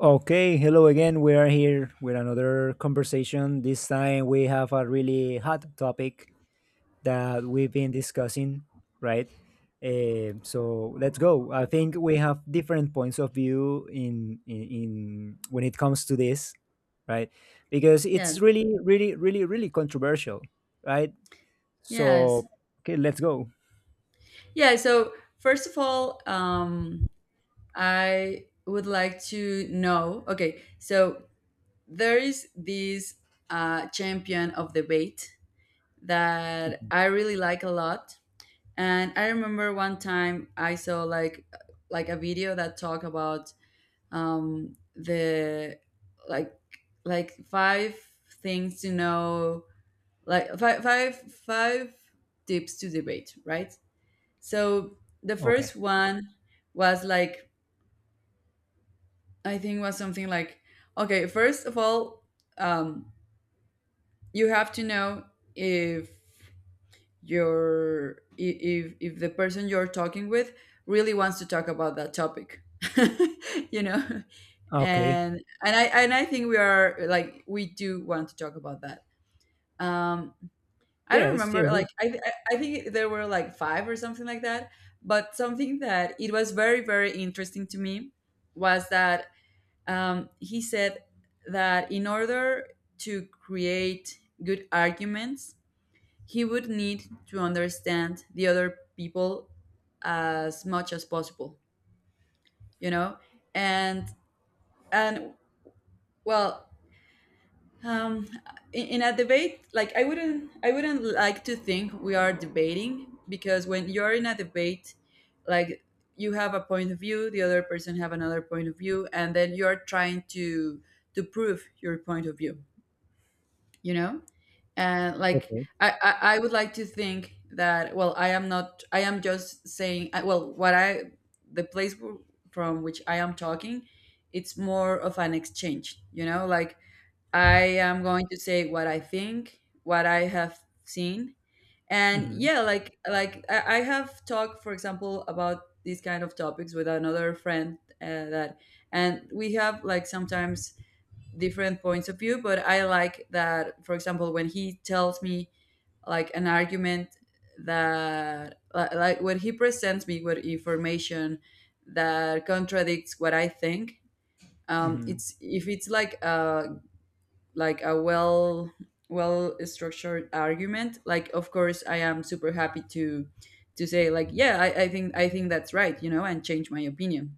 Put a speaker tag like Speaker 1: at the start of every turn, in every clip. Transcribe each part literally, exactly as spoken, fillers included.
Speaker 1: Okay, hello again. We are here with another conversation. This time we have a really hot topic that we've been discussing, right? Eh, so let's go. I think we have different points of view in, in in when it comes to this, right? Because it's
Speaker 2: Yes,
Speaker 1: really, really, really, really controversial, right?
Speaker 2: yes.
Speaker 1: So okay, let's go.
Speaker 2: Yeah, so first of all, um, I would like to know, okay, so there is this uh, champion of debate that I really like a lot. And I remember one time I saw like like a video that talked about um, the like like five things to know, like five five five tips to debate, right? So the
Speaker 1: Okay.
Speaker 2: first one was like I think was something like, okay, first of all, um, you have to know if your I- if if the person you're talking with really wants to talk about that topic. you know
Speaker 1: Okay.
Speaker 2: and and i and i think we are like we do want to talk about that. um I don't
Speaker 1: Yes. Yes.
Speaker 2: remember.
Speaker 1: yes.
Speaker 2: Like I, th- I I think there were like five or something like that. But something that it was very very interesting to me was that um, he said that in order to create good arguments, he would need to understand the other people as much as possible. You know, and and well, um in, in a debate, like i wouldn't i wouldn't like to think we are debating, because when you're in a debate, like you have a point of view, the other person have another point of view, and then you're trying to to prove your point of view you know and like
Speaker 1: Okay.
Speaker 2: i i, I would like to think that, well, I am not I am just saying, I- well what I the place w- from which I am talking, it's more of an exchange. You know like I am going to say what I think, what I have seen. And
Speaker 1: Mm-hmm.
Speaker 2: yeah, like like I, I have talked, for example, about these kind of topics with another friend, uh, that, and we have like sometimes different points of view. But I like that, for example, when he tells me like an argument that li- like when he presents me with information that contradicts what I think. Um,
Speaker 1: Mm-hmm.
Speaker 2: it's If it's like a like a well well structured argument, like of course I am super happy to to say like, yeah, i, I think i think that's right. You know and change my opinion.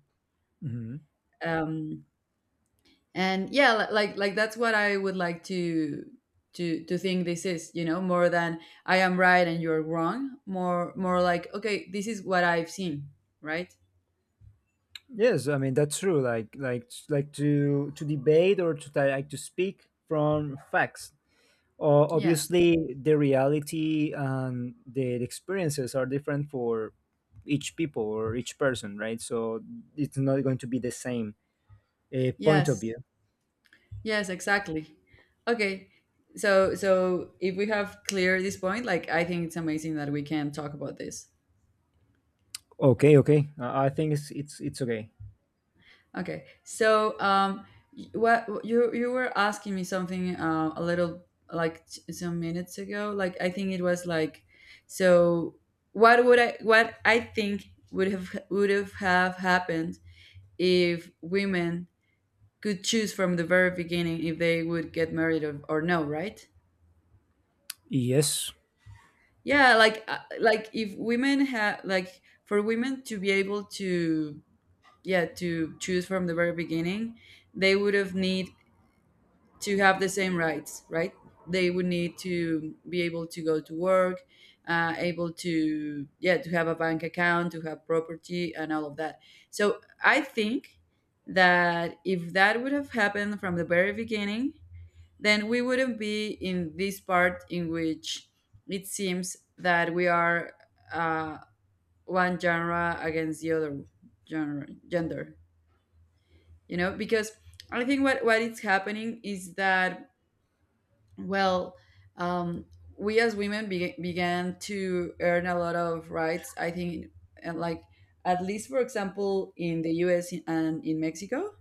Speaker 1: Mm-hmm.
Speaker 2: um and yeah, li- like like that's what I would like to to to think this is, you know more than I am right and you're wrong. More more like, okay, this is what I've seen, right?
Speaker 1: Yes, I mean that's true. Like like like to to debate or to like to speak from facts. O-
Speaker 2: Yes,
Speaker 1: obviously, the reality and the experiences are different for each people or each person, right? So it's not going to be the same uh, point of
Speaker 2: yes.
Speaker 1: view.
Speaker 2: Yes, exactly. Okay. So so if we have clear this point, like I think it's amazing that we can talk about this.
Speaker 1: Okay, okay. Uh, I think it's it's it's okay.
Speaker 2: Okay. So, um y- what you you were asking me something, uh, a little like t- some minutes ago. Like I think it was like, so what would I what I think would have would have have happened if women could choose from the very beginning if they would get married, or, or no, right?
Speaker 1: Yes.
Speaker 2: Yeah, like, uh, like, if women have like for women to be able to, yeah, to choose from the very beginning, they would have need to have the same rights, right? They would need to be able to go to work, uh, able to, yeah, to have a bank account, to have property, and all of that. So I think that if that would have happened from the very beginning, then we wouldn't be in this part in which it seems that we are, uh, one genre against the other genre gender. You know, because I think what, what is happening is that, well, um, we as women be- began to earn a lot of rights, I think. And like, at least for example in the US and in Mexico,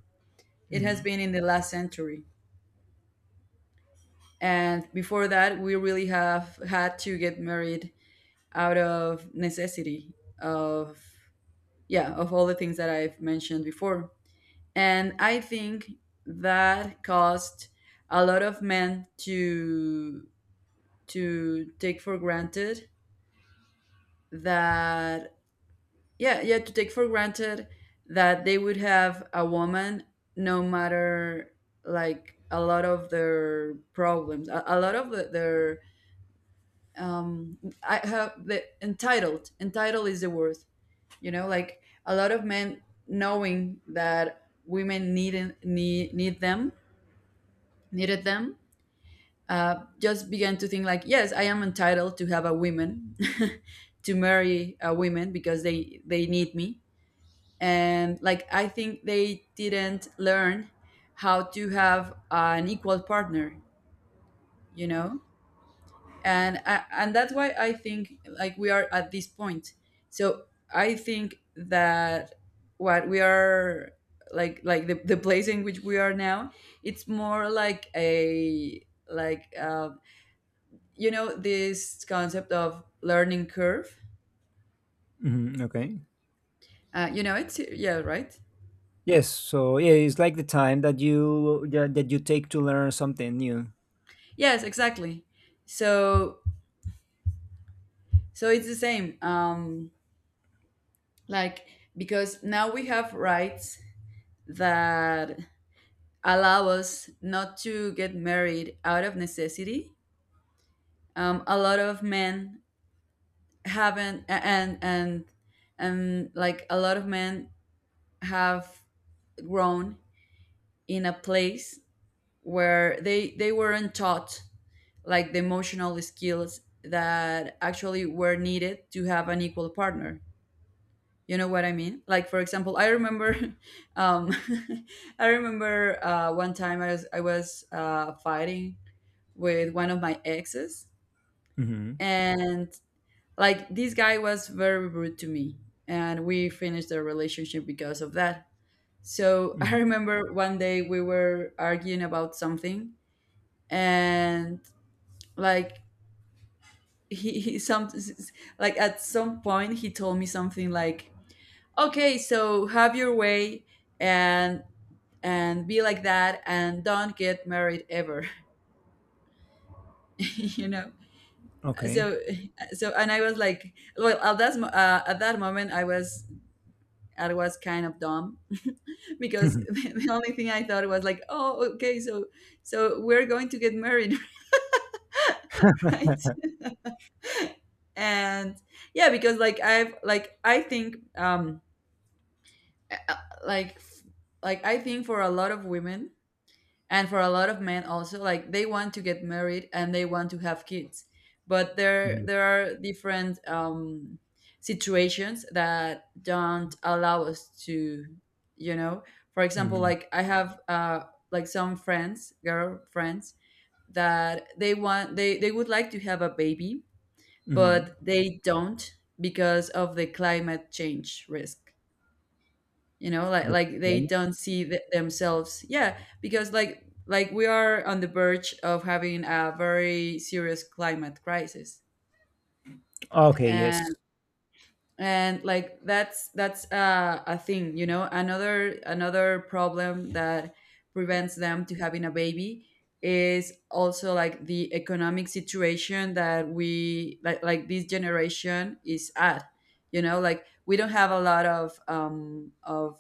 Speaker 2: it
Speaker 1: Hmm.
Speaker 2: has been in the last century. And before that we really have had to get married out of necessity, of, yeah, of all the things that I've mentioned before. And I think that caused a lot of men to to take for granted that, yeah, yeah, to take for granted that they would have a woman, no matter. Like, a lot of their problems, a, a lot of the, their, um I have the, entitled, entitled is the word. You know like, a lot of men, knowing that women needed need, need them needed them, uh, just began to think like, yes, I am entitled to have a woman, to marry a woman, because they they need me. And like I think they didn't learn how to have an equal partner you know and uh, and that's why I think like we are at this point. So I think that what we are, like, like the, the place in which we are now, it's more like a, like uh, you know this concept of learning curve.
Speaker 1: Hmm. Okay.
Speaker 2: Uh, you know it's, yeah, right?
Speaker 1: Yes. So yeah, it's like the time that you that that you take to learn something new.
Speaker 2: Yes, exactly. So so it's the same. Um like, because now we have rights that allow us not to get married out of necessity. Um, a lot of men haven't, and and and like a lot of men have grown in a place where they they weren't taught like the emotional skills that actually were needed to have an equal partner. You know what I mean? Like for example, I remember, um, I remember uh, one time I was I was uh, fighting with one of my exes.
Speaker 1: Hmm.
Speaker 2: And like, this guy was very rude to me, and we finished the relationship because of that. So I
Speaker 1: Hmm.
Speaker 2: remember one day we were arguing about something. And like, he, he some like at some point he told me something like, okay, so have your way, and and be like that and don't get married ever. you know
Speaker 1: Okay.
Speaker 2: so, so and I was like, well, at that mo- uh, at that moment i was i was kind of dumb, because the only thing I thought was like, oh, okay, so so we're going to get married, right? And yeah, because like I've like I think um uh, like like I think for a lot of women, and for a lot of men also, like they want to get married and they want to have kids. But there
Speaker 1: Mhm,
Speaker 2: there are different um situations that don't allow us to. You know, for example,
Speaker 1: mhm,
Speaker 2: like I have, uh like some friends, girl friends, that they want they they would like to have a baby,
Speaker 1: mhm.
Speaker 2: but they don't, because of the climate change risk. You know, like
Speaker 1: The
Speaker 2: like they
Speaker 1: climate?
Speaker 2: don't see th- themselves, yeah, because like like we are on the verge of having a very serious climate crisis.
Speaker 1: Okay, yes.
Speaker 2: And and like that's that's, uh, a thing. you know another another problem that prevents them to having a baby is also like the economic situation that we like like this generation is at. You know like, we don't have a lot of um of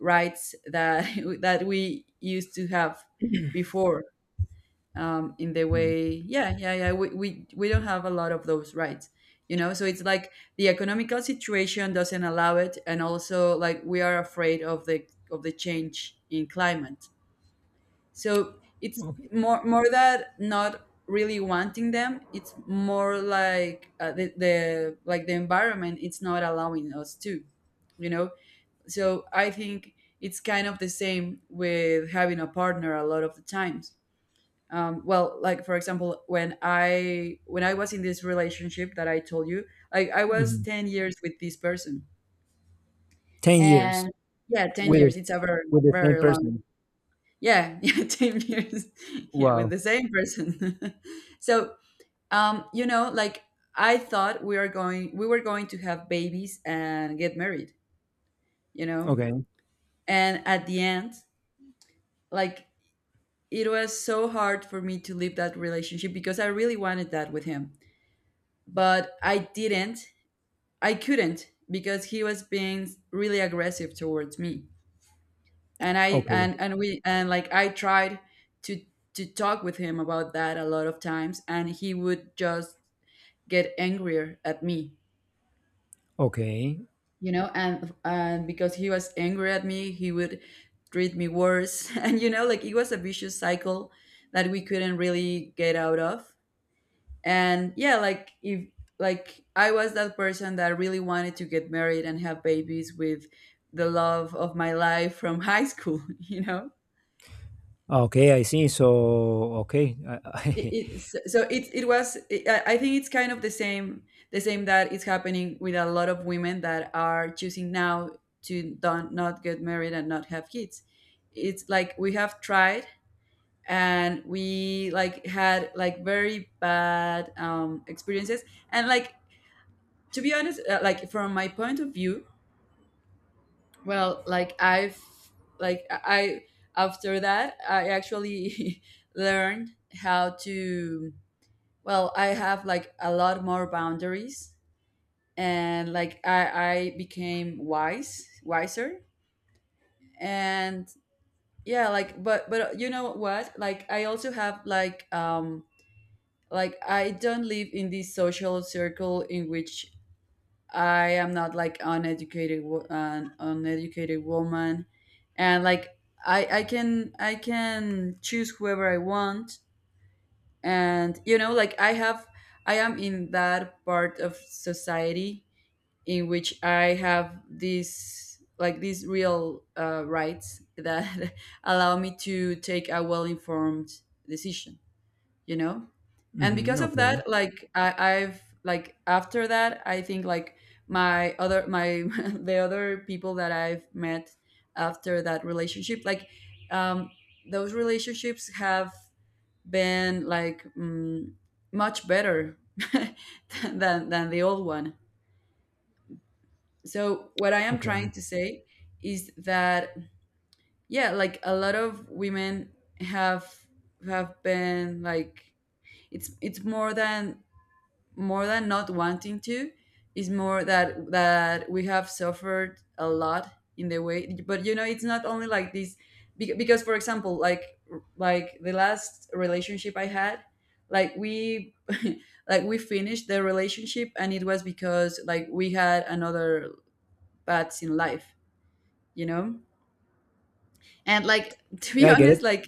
Speaker 2: rights that that we used to have before, um, in the
Speaker 1: Mm,
Speaker 2: way, yeah, yeah, yeah, we, we we don't have a lot of those rights. You know so it's like the economical situation doesn't allow it, and also like we are afraid of the of the change in climate. So it's
Speaker 1: okay.
Speaker 2: more more that not really wanting them. It's more like, uh, the, the like the environment it's not allowing us to. you know so I think it's kind of the same with having a partner a lot of the times. Um, well, like for example, when i when i was in this relationship that I told you, like I was
Speaker 1: Mhm.
Speaker 2: ten years with this person.
Speaker 1: ten years
Speaker 2: And yeah, ten
Speaker 1: with
Speaker 2: years, it's a very
Speaker 1: with the same
Speaker 2: very long,
Speaker 1: person.
Speaker 2: yeah, yeah, ten years, yeah, with
Speaker 1: Wow.
Speaker 2: the same person. So, um you know like, I thought we are going we were going to have babies and get married. you know
Speaker 1: Okay.
Speaker 2: and at the end, like it was so hard for me to leave that relationship because I really wanted that with him, but I didn't. I couldn't because he was being really aggressive towards me. And I
Speaker 1: Okay.
Speaker 2: and and we and like I tried to to talk with him about that a lot of times, and he would just get angrier at me.
Speaker 1: Okay.
Speaker 2: You know, and and because he was angry at me, he would treat me worse. And you know, like it was a vicious cycle that we couldn't really get out of. And yeah, like if like i was that person that really wanted to get married and have babies with the love of my life from high school you know.
Speaker 1: Okay, I see. So, okay. I,
Speaker 2: it,
Speaker 1: I,
Speaker 2: it so so it, it was it, I I think it's kind of the same, the same that is happening with a lot of women that are choosing now to don't, not get married and not have kids. It's like we have tried and we, like, had like very bad um, experiences, and like, to be honest, uh, like from my point of view, well, like I've like I after that I actually learned how to, well, I have like a lot more boundaries, and like i i became wise wiser. And yeah, like, but but you know what, like I also have like, um, like I don't live in this social circle in which I am not, like, uneducated, wo- an uneducated woman, and like I I can, I can choose whoever I want, and you know, like I have, I am in that part of society in which I have these, like, these real, uh, rights that allow me to take a well informed decision. You know, and
Speaker 1: Mhm,
Speaker 2: because of
Speaker 1: okay.
Speaker 2: that, like, I, i've like, after that, I think like my other my the other people that I've met after that relationship, like, um those relationships have been like, mm, much better than than the old one. So what I am
Speaker 1: Okay.
Speaker 2: trying to say is that, yeah, like, a lot of women have have been, like, it's it's more than, more than not wanting to, is more that, that we have suffered a lot in the way. But you know, it's not only like this, bec- because for example, like like the last relationship I had, like, we like we finished the relationship and it was because, like, we had another paths in life, you know. And like, to
Speaker 1: Yeah,
Speaker 2: be
Speaker 1: I get it.
Speaker 2: honest, like,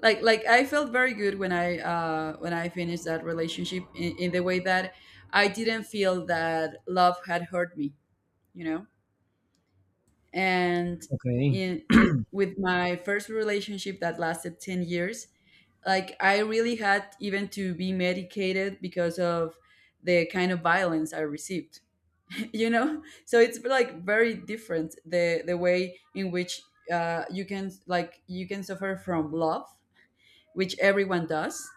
Speaker 2: like like I felt very good when I, uh when I finished that relationship, in, in the way that I didn't feel that love had hurt me, you know. And
Speaker 1: Okay.
Speaker 2: in in with my first relationship that lasted ten years, like, I really had even to be medicated because of the kind of violence I received. You know, so it's like very different the the way in which, uh, you can, like, you can suffer from love, which everyone does.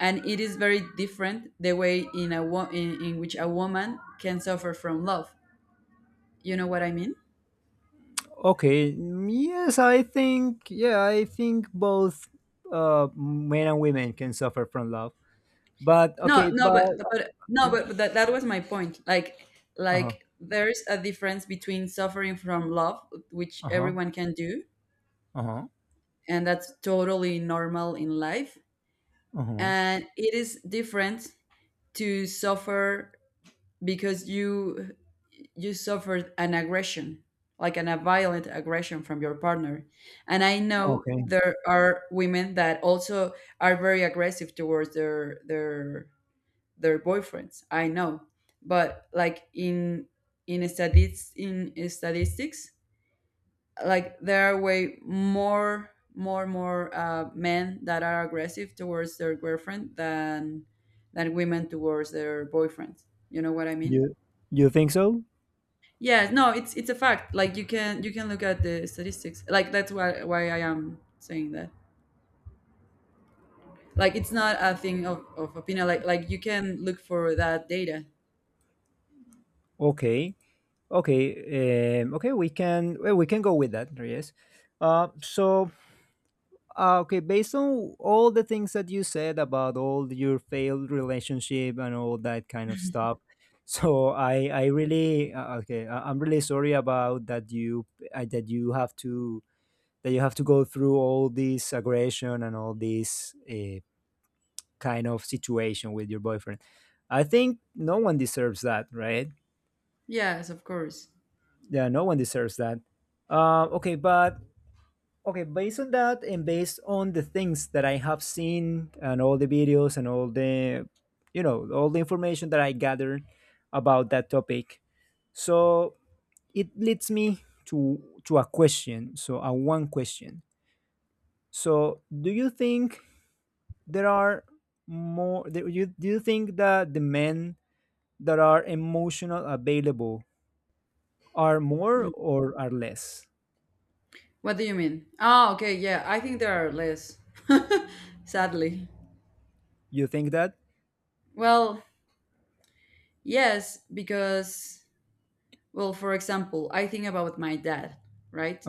Speaker 2: And it is very different the way in, a wo- in, in which a woman can suffer from love. You know what I mean?
Speaker 1: Okay. mm, Yes, I think yeah, I think both uh men and women can suffer from love. But
Speaker 2: no
Speaker 1: okay,
Speaker 2: no
Speaker 1: but
Speaker 2: but
Speaker 1: uh,
Speaker 2: but no
Speaker 1: yeah.
Speaker 2: but, but that, that was my point, like
Speaker 1: Uh-huh.
Speaker 2: like there's a difference between suffering from love, which
Speaker 1: Uh-huh.
Speaker 2: everyone can do,
Speaker 1: Uh-huh.
Speaker 2: and that's totally normal in life,
Speaker 1: Uh-huh.
Speaker 2: and it is different to suffer because you you suffered an aggression, like an, a violent aggression from your partner. And I know
Speaker 1: Okay.
Speaker 2: there are women that also are very aggressive towards their, their their boyfriends, I know, but like in in statistics, in statistics, like, there are way more, more more uh, men that are aggressive towards their girlfriend than than women towards their boyfriends. You know what I mean?
Speaker 1: You you think so?
Speaker 2: Yeah, no, it's it's a fact. Like, you can, you can look at the statistics. Like, that's why why I am saying that. Like, it's not a thing of, of opinion. Like like you can look for that data.
Speaker 1: Okay, okay, um, okay. We can well, we can go with that. Yes. Uh, so uh, okay, based on all the things that you said about all your failed relationship and all that kind of stuff, so I I really uh, okay. I, I'm really sorry about that you uh, that you have to that you have to go through all this aggression and all this uh, kind of situation with your boyfriend. I think no one deserves that, right?
Speaker 2: Yes, of course.
Speaker 1: Yeah, no one deserves that. Uh, okay, but okay, based on that and based on the things that I have seen and all the videos and all the, you know, all the information that I gathered about that topic, so it leads me to to a question. So a one question. So do you think there are more? Do you do you think that the men that are emotional available are more
Speaker 2: Mm.
Speaker 1: or are less?
Speaker 2: What do you mean? Oh, okay, yeah. I think there are less. Sadly.
Speaker 1: You think that?
Speaker 2: Well, yes, because, well, for example, I think about my dad, right?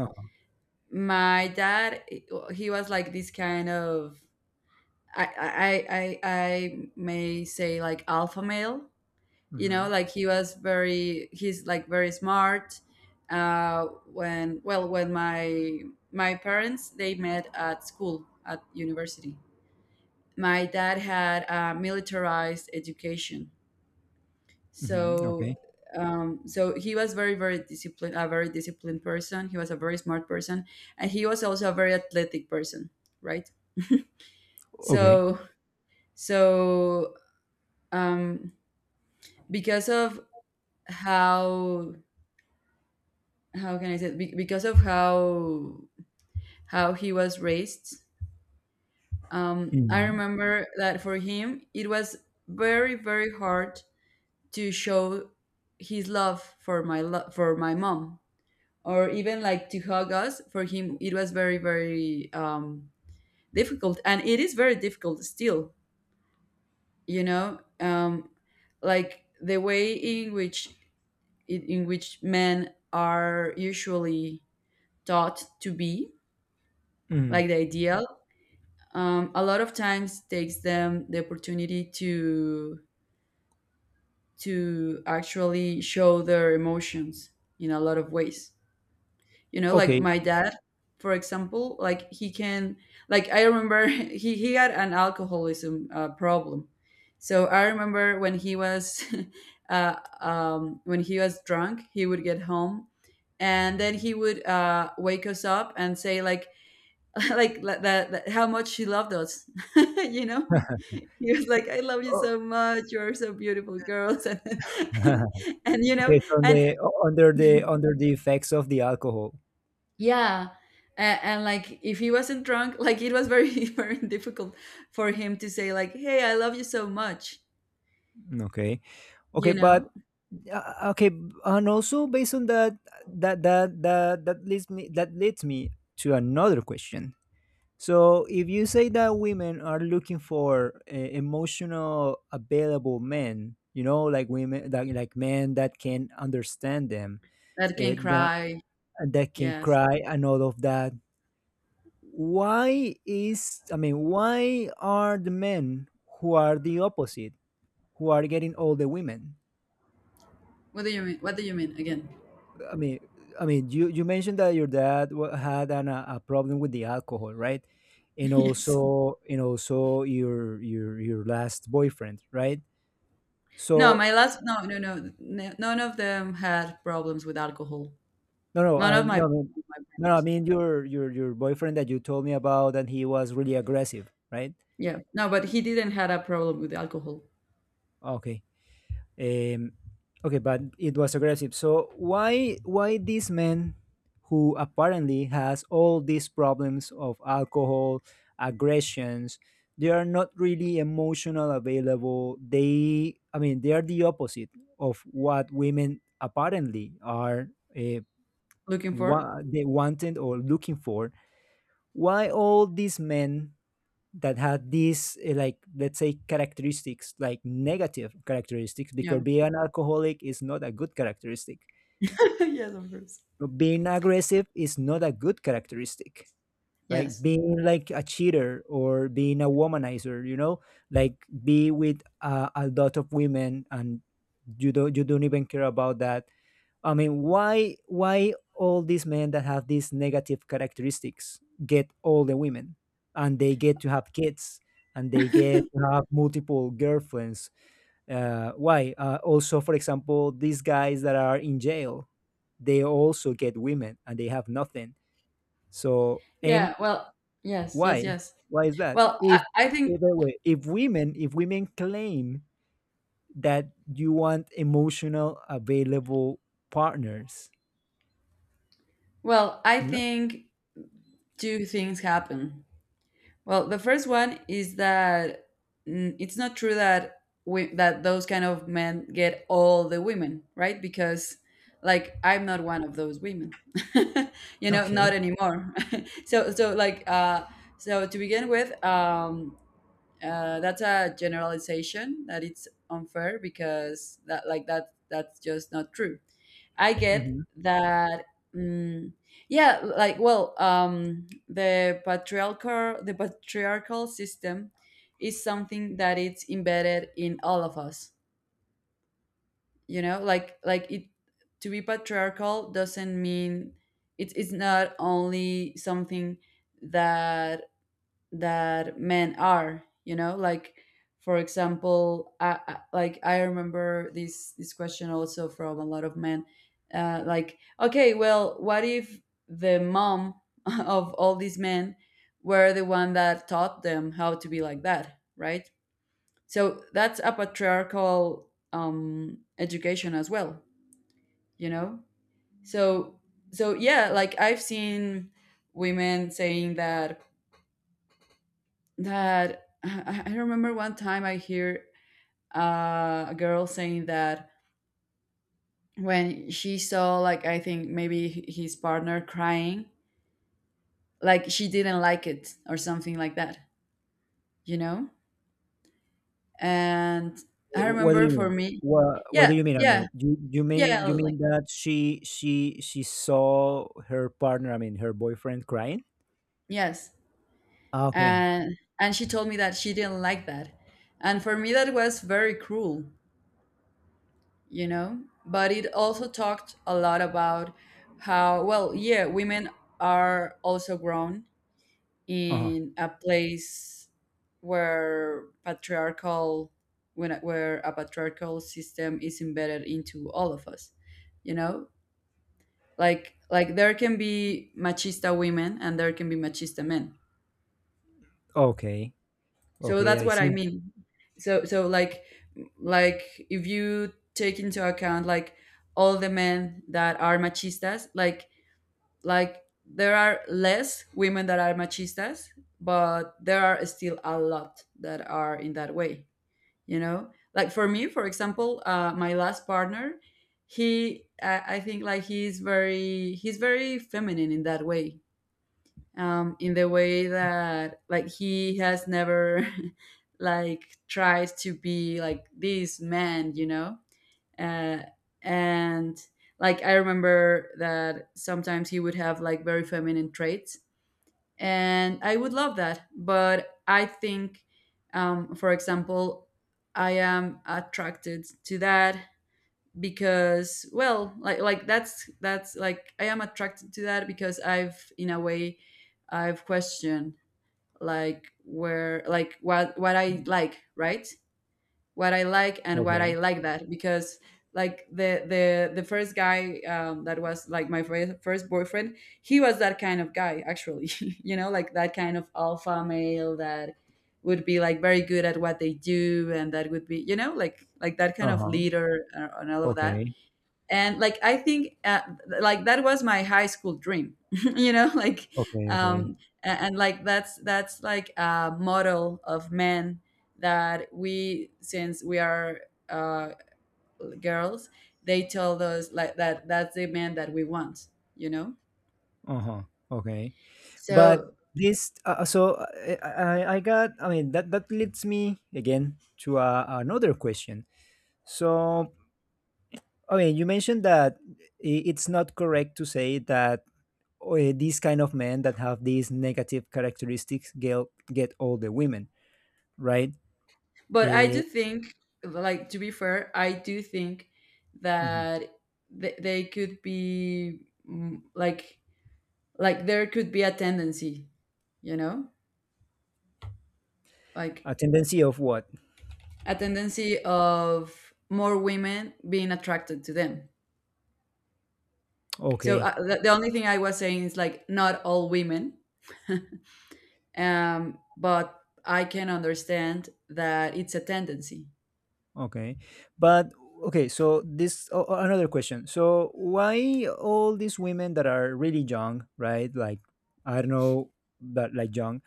Speaker 2: My dad, he was like this kind of, I, I I I may say, like, alpha male. You know,
Speaker 1: Mhm.
Speaker 2: like, he was very, he's like very smart. Uh, when, well, when my my parents, they met at school, at university. My dad had a militarized education,
Speaker 1: Mhm.
Speaker 2: so,
Speaker 1: Okay.
Speaker 2: um, so he was very, very disciplined, a very disciplined person. He was a very smart person, and he was also a very athletic person, right?
Speaker 1: Okay.
Speaker 2: So, so. Um, because of how how can I say it? Be- because of how how he was raised. Um, I
Speaker 1: Mm.
Speaker 2: remember that for him it was very, very hard to show his love for my lo- for my mom, or even like to hug us. For him it was very, very, um, difficult, and it is very difficult still. You know, um, like the way in which, in in which men are usually taught to be
Speaker 1: Mm.
Speaker 2: like the ideal, um, a lot of times takes them the opportunity to to actually show their emotions in a lot of ways. You know, like
Speaker 1: Okay.
Speaker 2: my dad for example, like he can, like I remember, he, he had an alcoholism uh, problem. So I remember when he was, uh, um, when he was drunk, he would get home, and then he would, uh, wake us up and say like, like, la- that, that how much she loved us. You know, he was like, I love you
Speaker 1: Oh.
Speaker 2: so much, you're so beautiful girls. And, and, and you know,
Speaker 1: Okay. So on
Speaker 2: and
Speaker 1: the o- under the under the effects of the alcohol.
Speaker 2: yeah, and, and like if he wasn't drunk, like, it was very very difficult for him to say like, hey, I love you so much.
Speaker 1: Okay. Okay,
Speaker 2: You
Speaker 1: but
Speaker 2: know,
Speaker 1: uh, okay, b- and also based on that, that that that that leads me that leads me to another question. So, if you say that women are looking for uh, emotional available men, you know, like women, like, like men that can understand them,
Speaker 2: that
Speaker 1: uh,
Speaker 2: can cry.
Speaker 1: and that can
Speaker 2: Yes.
Speaker 1: cry and all of that. Why is I mean, why are the men who are the opposite, who are getting all the women?
Speaker 2: What do you mean? What do you mean again?
Speaker 1: I mean, I mean, you you mentioned that your dad wa- had an, a, a problem with the alcohol, right? And
Speaker 2: Yes.
Speaker 1: also, and also your your your last boyfriend, right?
Speaker 2: No, my
Speaker 1: So
Speaker 2: last, no no no n- none of them had problems with alcohol.
Speaker 1: no, no,
Speaker 2: None
Speaker 1: uh,
Speaker 2: of my,
Speaker 1: no, I mean-
Speaker 2: my
Speaker 1: no. No, I
Speaker 2: partners.
Speaker 1: mean your your your boyfriend that you told me about, and he was really aggressive, right?
Speaker 2: Yeah. No, but he didn't had a problem with alcohol.
Speaker 1: Okay. Um, okay, but it was aggressive. So why why this man who apparently has all these problems of alcohol, aggressions, they are not really emotional available. They, I mean, they are the opposite of what women apparently are, uh,
Speaker 2: Looking for?
Speaker 1: what they wanted or looking for. Why all these men that had these eh, like let's say characteristics, like negative characteristics? Because
Speaker 2: Yeah.
Speaker 1: being an alcoholic is not a good characteristic,
Speaker 2: Yes, of course.
Speaker 1: but being aggressive is not a good characteristic, right?
Speaker 2: Yes.
Speaker 1: Being like a cheater or being a womanizer you know like be with uh, a lot of women, and you don't you don't even care about that. I mean, why why all these men that have these negative characteristics get all the women, and they get to have kids, and they get to have multiple girlfriends? Uh, why? Uh, also, for example, these guys that are in jail, they also get women, and they have nothing. So, and
Speaker 2: Yeah. Well, yes,
Speaker 1: why?
Speaker 2: yes, yes.
Speaker 1: Why is that?
Speaker 2: Well, I,
Speaker 1: If
Speaker 2: I think,
Speaker 1: if, by the way, if women if women claim that you want emotional available partners,
Speaker 2: well, I
Speaker 1: yeah.
Speaker 2: think two things happen. Well, the first one is that, mm, it's not true that we, that those kind of men get all the women, right? Because, like, I'm not one of those women. You know, not
Speaker 1: Okay.
Speaker 2: anymore. So, so like, uh, so to begin with, um, uh, that's a generalization that it's unfair, because that, like, that, that's just not true. I get
Speaker 1: Mhm.
Speaker 2: that. Mm. Yeah, like, well, um, the patriarchal, the patriarchal system is something that it's embedded in all of us. You know, like like it, to be patriarchal doesn't mean, it's it's not only something that, that men are, you know, like, for example, I, I, like I remember this, this question also from a lot of men, uh, like, okay, well, what if the mom of all these men were the one that taught them how to be like that, right? So that's a patriarchal, um, education as well, you know. So, so yeah, like I've seen women saying that, that I I remember one time I hear, uh, a girl saying that, when she saw, like, I think maybe h- his partner crying, like she didn't like it or something like that, you know. And
Speaker 1: Eh,
Speaker 2: I
Speaker 1: what do
Speaker 2: remember
Speaker 1: you
Speaker 2: for
Speaker 1: mean?
Speaker 2: me,
Speaker 1: What What
Speaker 2: yeah,
Speaker 1: do you mean? I
Speaker 2: yeah,
Speaker 1: mean, you you mean
Speaker 2: yeah,
Speaker 1: you mean
Speaker 2: like,
Speaker 1: that she she she saw her partner, I mean her boyfriend crying?
Speaker 2: yes.
Speaker 1: Ah, okay.
Speaker 2: And and she told me that she didn't like that. And for me that was very cruel, you know. But it also talked a lot about how, well, yeah, women are also grown
Speaker 1: Uh-huh.
Speaker 2: in a place where patriarchal, when where a patriarchal system is embedded into all of us. You know, like like there can be machista women and there can be machista men.
Speaker 1: Okay.
Speaker 2: So
Speaker 1: Okay,
Speaker 2: that's
Speaker 1: I
Speaker 2: what I
Speaker 1: see.
Speaker 2: mean. So, so, like like if you take into account like all the men that are machistas, like like there are less women that are machistas, but there are still a lot that are in that way. You know, like for me for example, uh, my last partner, he, I, I think like he's very, he's very feminine in that way, um, in the way that like he has never like tried to be like this man, you know. Uh, and like I remember that sometimes he would have like very feminine traits, and I would love that. But I think, um, for example, I am attracted to that because, well, like like that's that's like, I am attracted to that because I've, in a way, I've questioned like where, like, what what I like, right? What I like and what I
Speaker 1: Okay.
Speaker 2: like that because, like, the, the the first guy, um, that was like my fir- first boyfriend, he was that kind of guy actually, you know, like, that kind of alpha male that would be like very good at what they do, and that would be, you know, like like that kind of
Speaker 1: Uh-huh.
Speaker 2: leader and and all of that.
Speaker 1: Okay.
Speaker 2: And like, I think, uh, like that was my high school dream. You know, like,
Speaker 1: Okay, okay.
Speaker 2: um, and, and like that's that's like a model of men that we, since we are, uh girls, they tell us, like, that, that's the man that we want, you know.
Speaker 1: Uh-huh. Okay. But
Speaker 2: So,
Speaker 1: this, uh, uh, so, uh, I I I got I mean that that leads me again to uh, another question. So I mean you mentioned that i- it's not correct to say that or these kind of men that have these negative characteristics get, get older women, right?
Speaker 2: but I
Speaker 1: Eh,
Speaker 2: do think, like, to be fair, I do think
Speaker 1: mhm.
Speaker 2: that, th- they could be, mm, like like there could be a tendency, you know, like,
Speaker 1: A tendency of what?
Speaker 2: a tendency of more women being attracted to them. So,
Speaker 1: Okay,
Speaker 2: uh, the, the only thing I was saying is like, not all women, um, but I can understand that it's a tendency.
Speaker 1: okay. But okay, so this, o- o- another question. So why all these women that are really young, right? Like I don't know, but like young,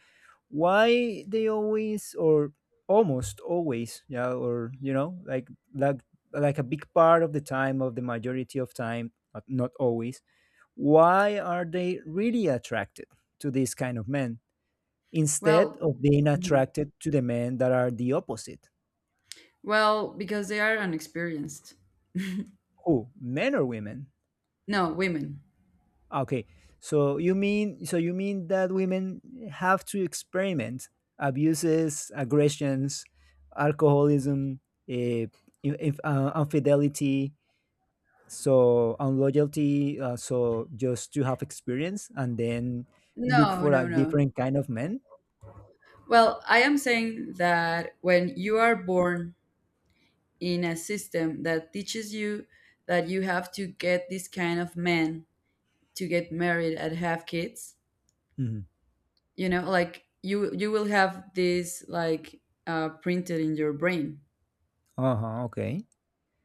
Speaker 1: why they always or almost always, yeah, or you know, like like like a big part of the time of the majority of time, not not always, why are they really attracted to these kind of men instead
Speaker 2: Well,
Speaker 1: of being
Speaker 2: mhm.
Speaker 1: attracted to the men that are the opposite?
Speaker 2: Well, because they are unexperienced.
Speaker 1: Who, men or women?
Speaker 2: No, women.
Speaker 1: Okay, so you mean so you mean that women have to experiment abuses, aggressions, alcoholism, uh, inf- uh, infidelity, so unloyalty, uh, so just to have experience and then look
Speaker 2: No,
Speaker 1: for a
Speaker 2: no, no.
Speaker 1: different kind of men?
Speaker 2: Well, I am saying that when you are born in a system that teaches you that you have to get this kind of man to get married and have kids,
Speaker 1: Mhm.
Speaker 2: you know, like, you you will have this, like, uh, printed in your brain.
Speaker 1: Uh-huh, okay.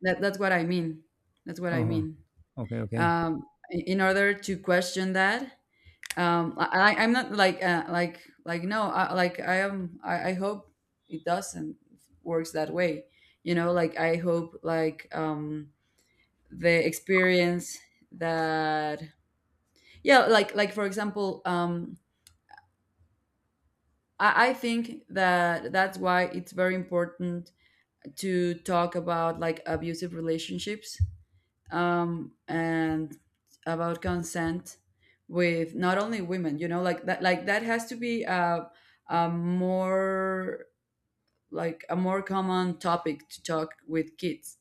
Speaker 2: That, that's what I mean. That's what I
Speaker 1: Uh-huh.
Speaker 2: mean.
Speaker 1: Okay, okay.
Speaker 2: Um, in in order to question that, um, I, I- I'm not like, uh, like like no, I, like, I am, I, I hope it doesn't works that way. You know, like, I hope, like, um, the experience, that, yeah, like like for example, um, I, I think that that's why it's very important to talk about, like, abusive relationships, um, and about consent with not only women. You know, like, that, like, that has to be a, a more, like, a more common topic to talk with kids,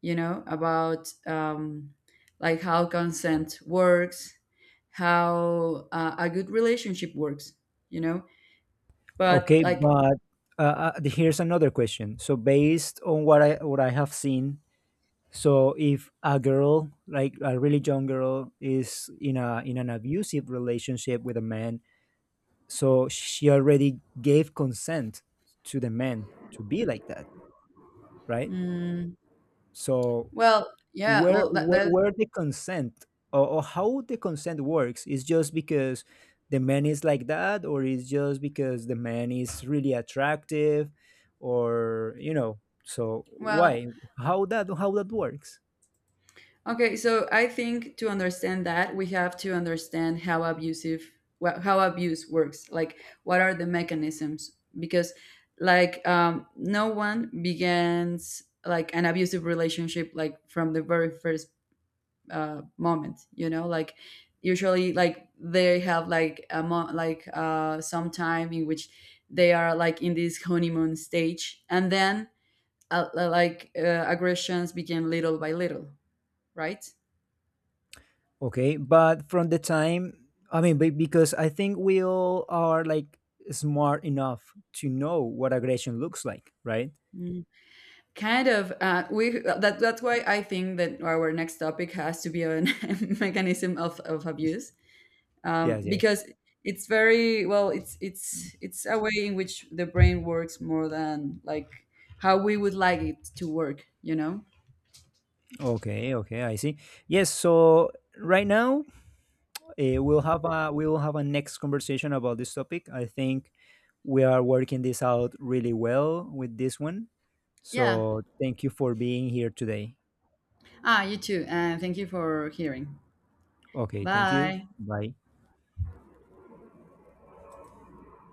Speaker 2: you know, about, um, like, how consent works, how, uh, a good relationship works, you know. But
Speaker 1: Okay,
Speaker 2: like,
Speaker 1: but uh, uh, the- here's another question. So based on what I what I have seen, so if a girl, like a really young girl is in a in an abusive relationship with a man, so she already gave consent to the man to be like that, right?
Speaker 2: mm,
Speaker 1: So
Speaker 2: well, yeah,
Speaker 1: where
Speaker 2: well, that,
Speaker 1: where,
Speaker 2: that,
Speaker 1: where the consent or, or how the consent works is just because the man is like that or is just because the man is really attractive, or you know so
Speaker 2: well,
Speaker 1: why, how that how that works?
Speaker 2: okay, so I think to understand that, we have to understand how abusive, wha- how abuse works. Like, what are the mechanisms? Because, like, um, no one begins like an abusive relationship like from the very first, uh, moment, you know. Like, usually, like, they have, like, a mo- like, uh, some time in which they are like in this honeymoon stage, and then, uh, like, uh, aggressions begin little by little, right?
Speaker 1: Okay, but from the time, I mean, be- because I think we all are like smart enough to know what aggression looks like, right?
Speaker 2: Mm. Kind of. Uh, we, that, that's why I think that our next topic has to be on mechanism of of abuse, um,
Speaker 1: Yes, yes.
Speaker 2: because it's very, well, It's it's it's a way in which the brain works more than like how we would like it to work. You know?
Speaker 1: Okay, okay, I see. Yes, so right now, Uh, we'll have a we'll have a next conversation about this topic. I think we are working this out really well with this one.
Speaker 2: Yeah.
Speaker 1: So thank you for being here today.
Speaker 2: Ah, you too. And thank you for hearing.
Speaker 1: Okay, thank you.
Speaker 2: Bye.
Speaker 1: Bye.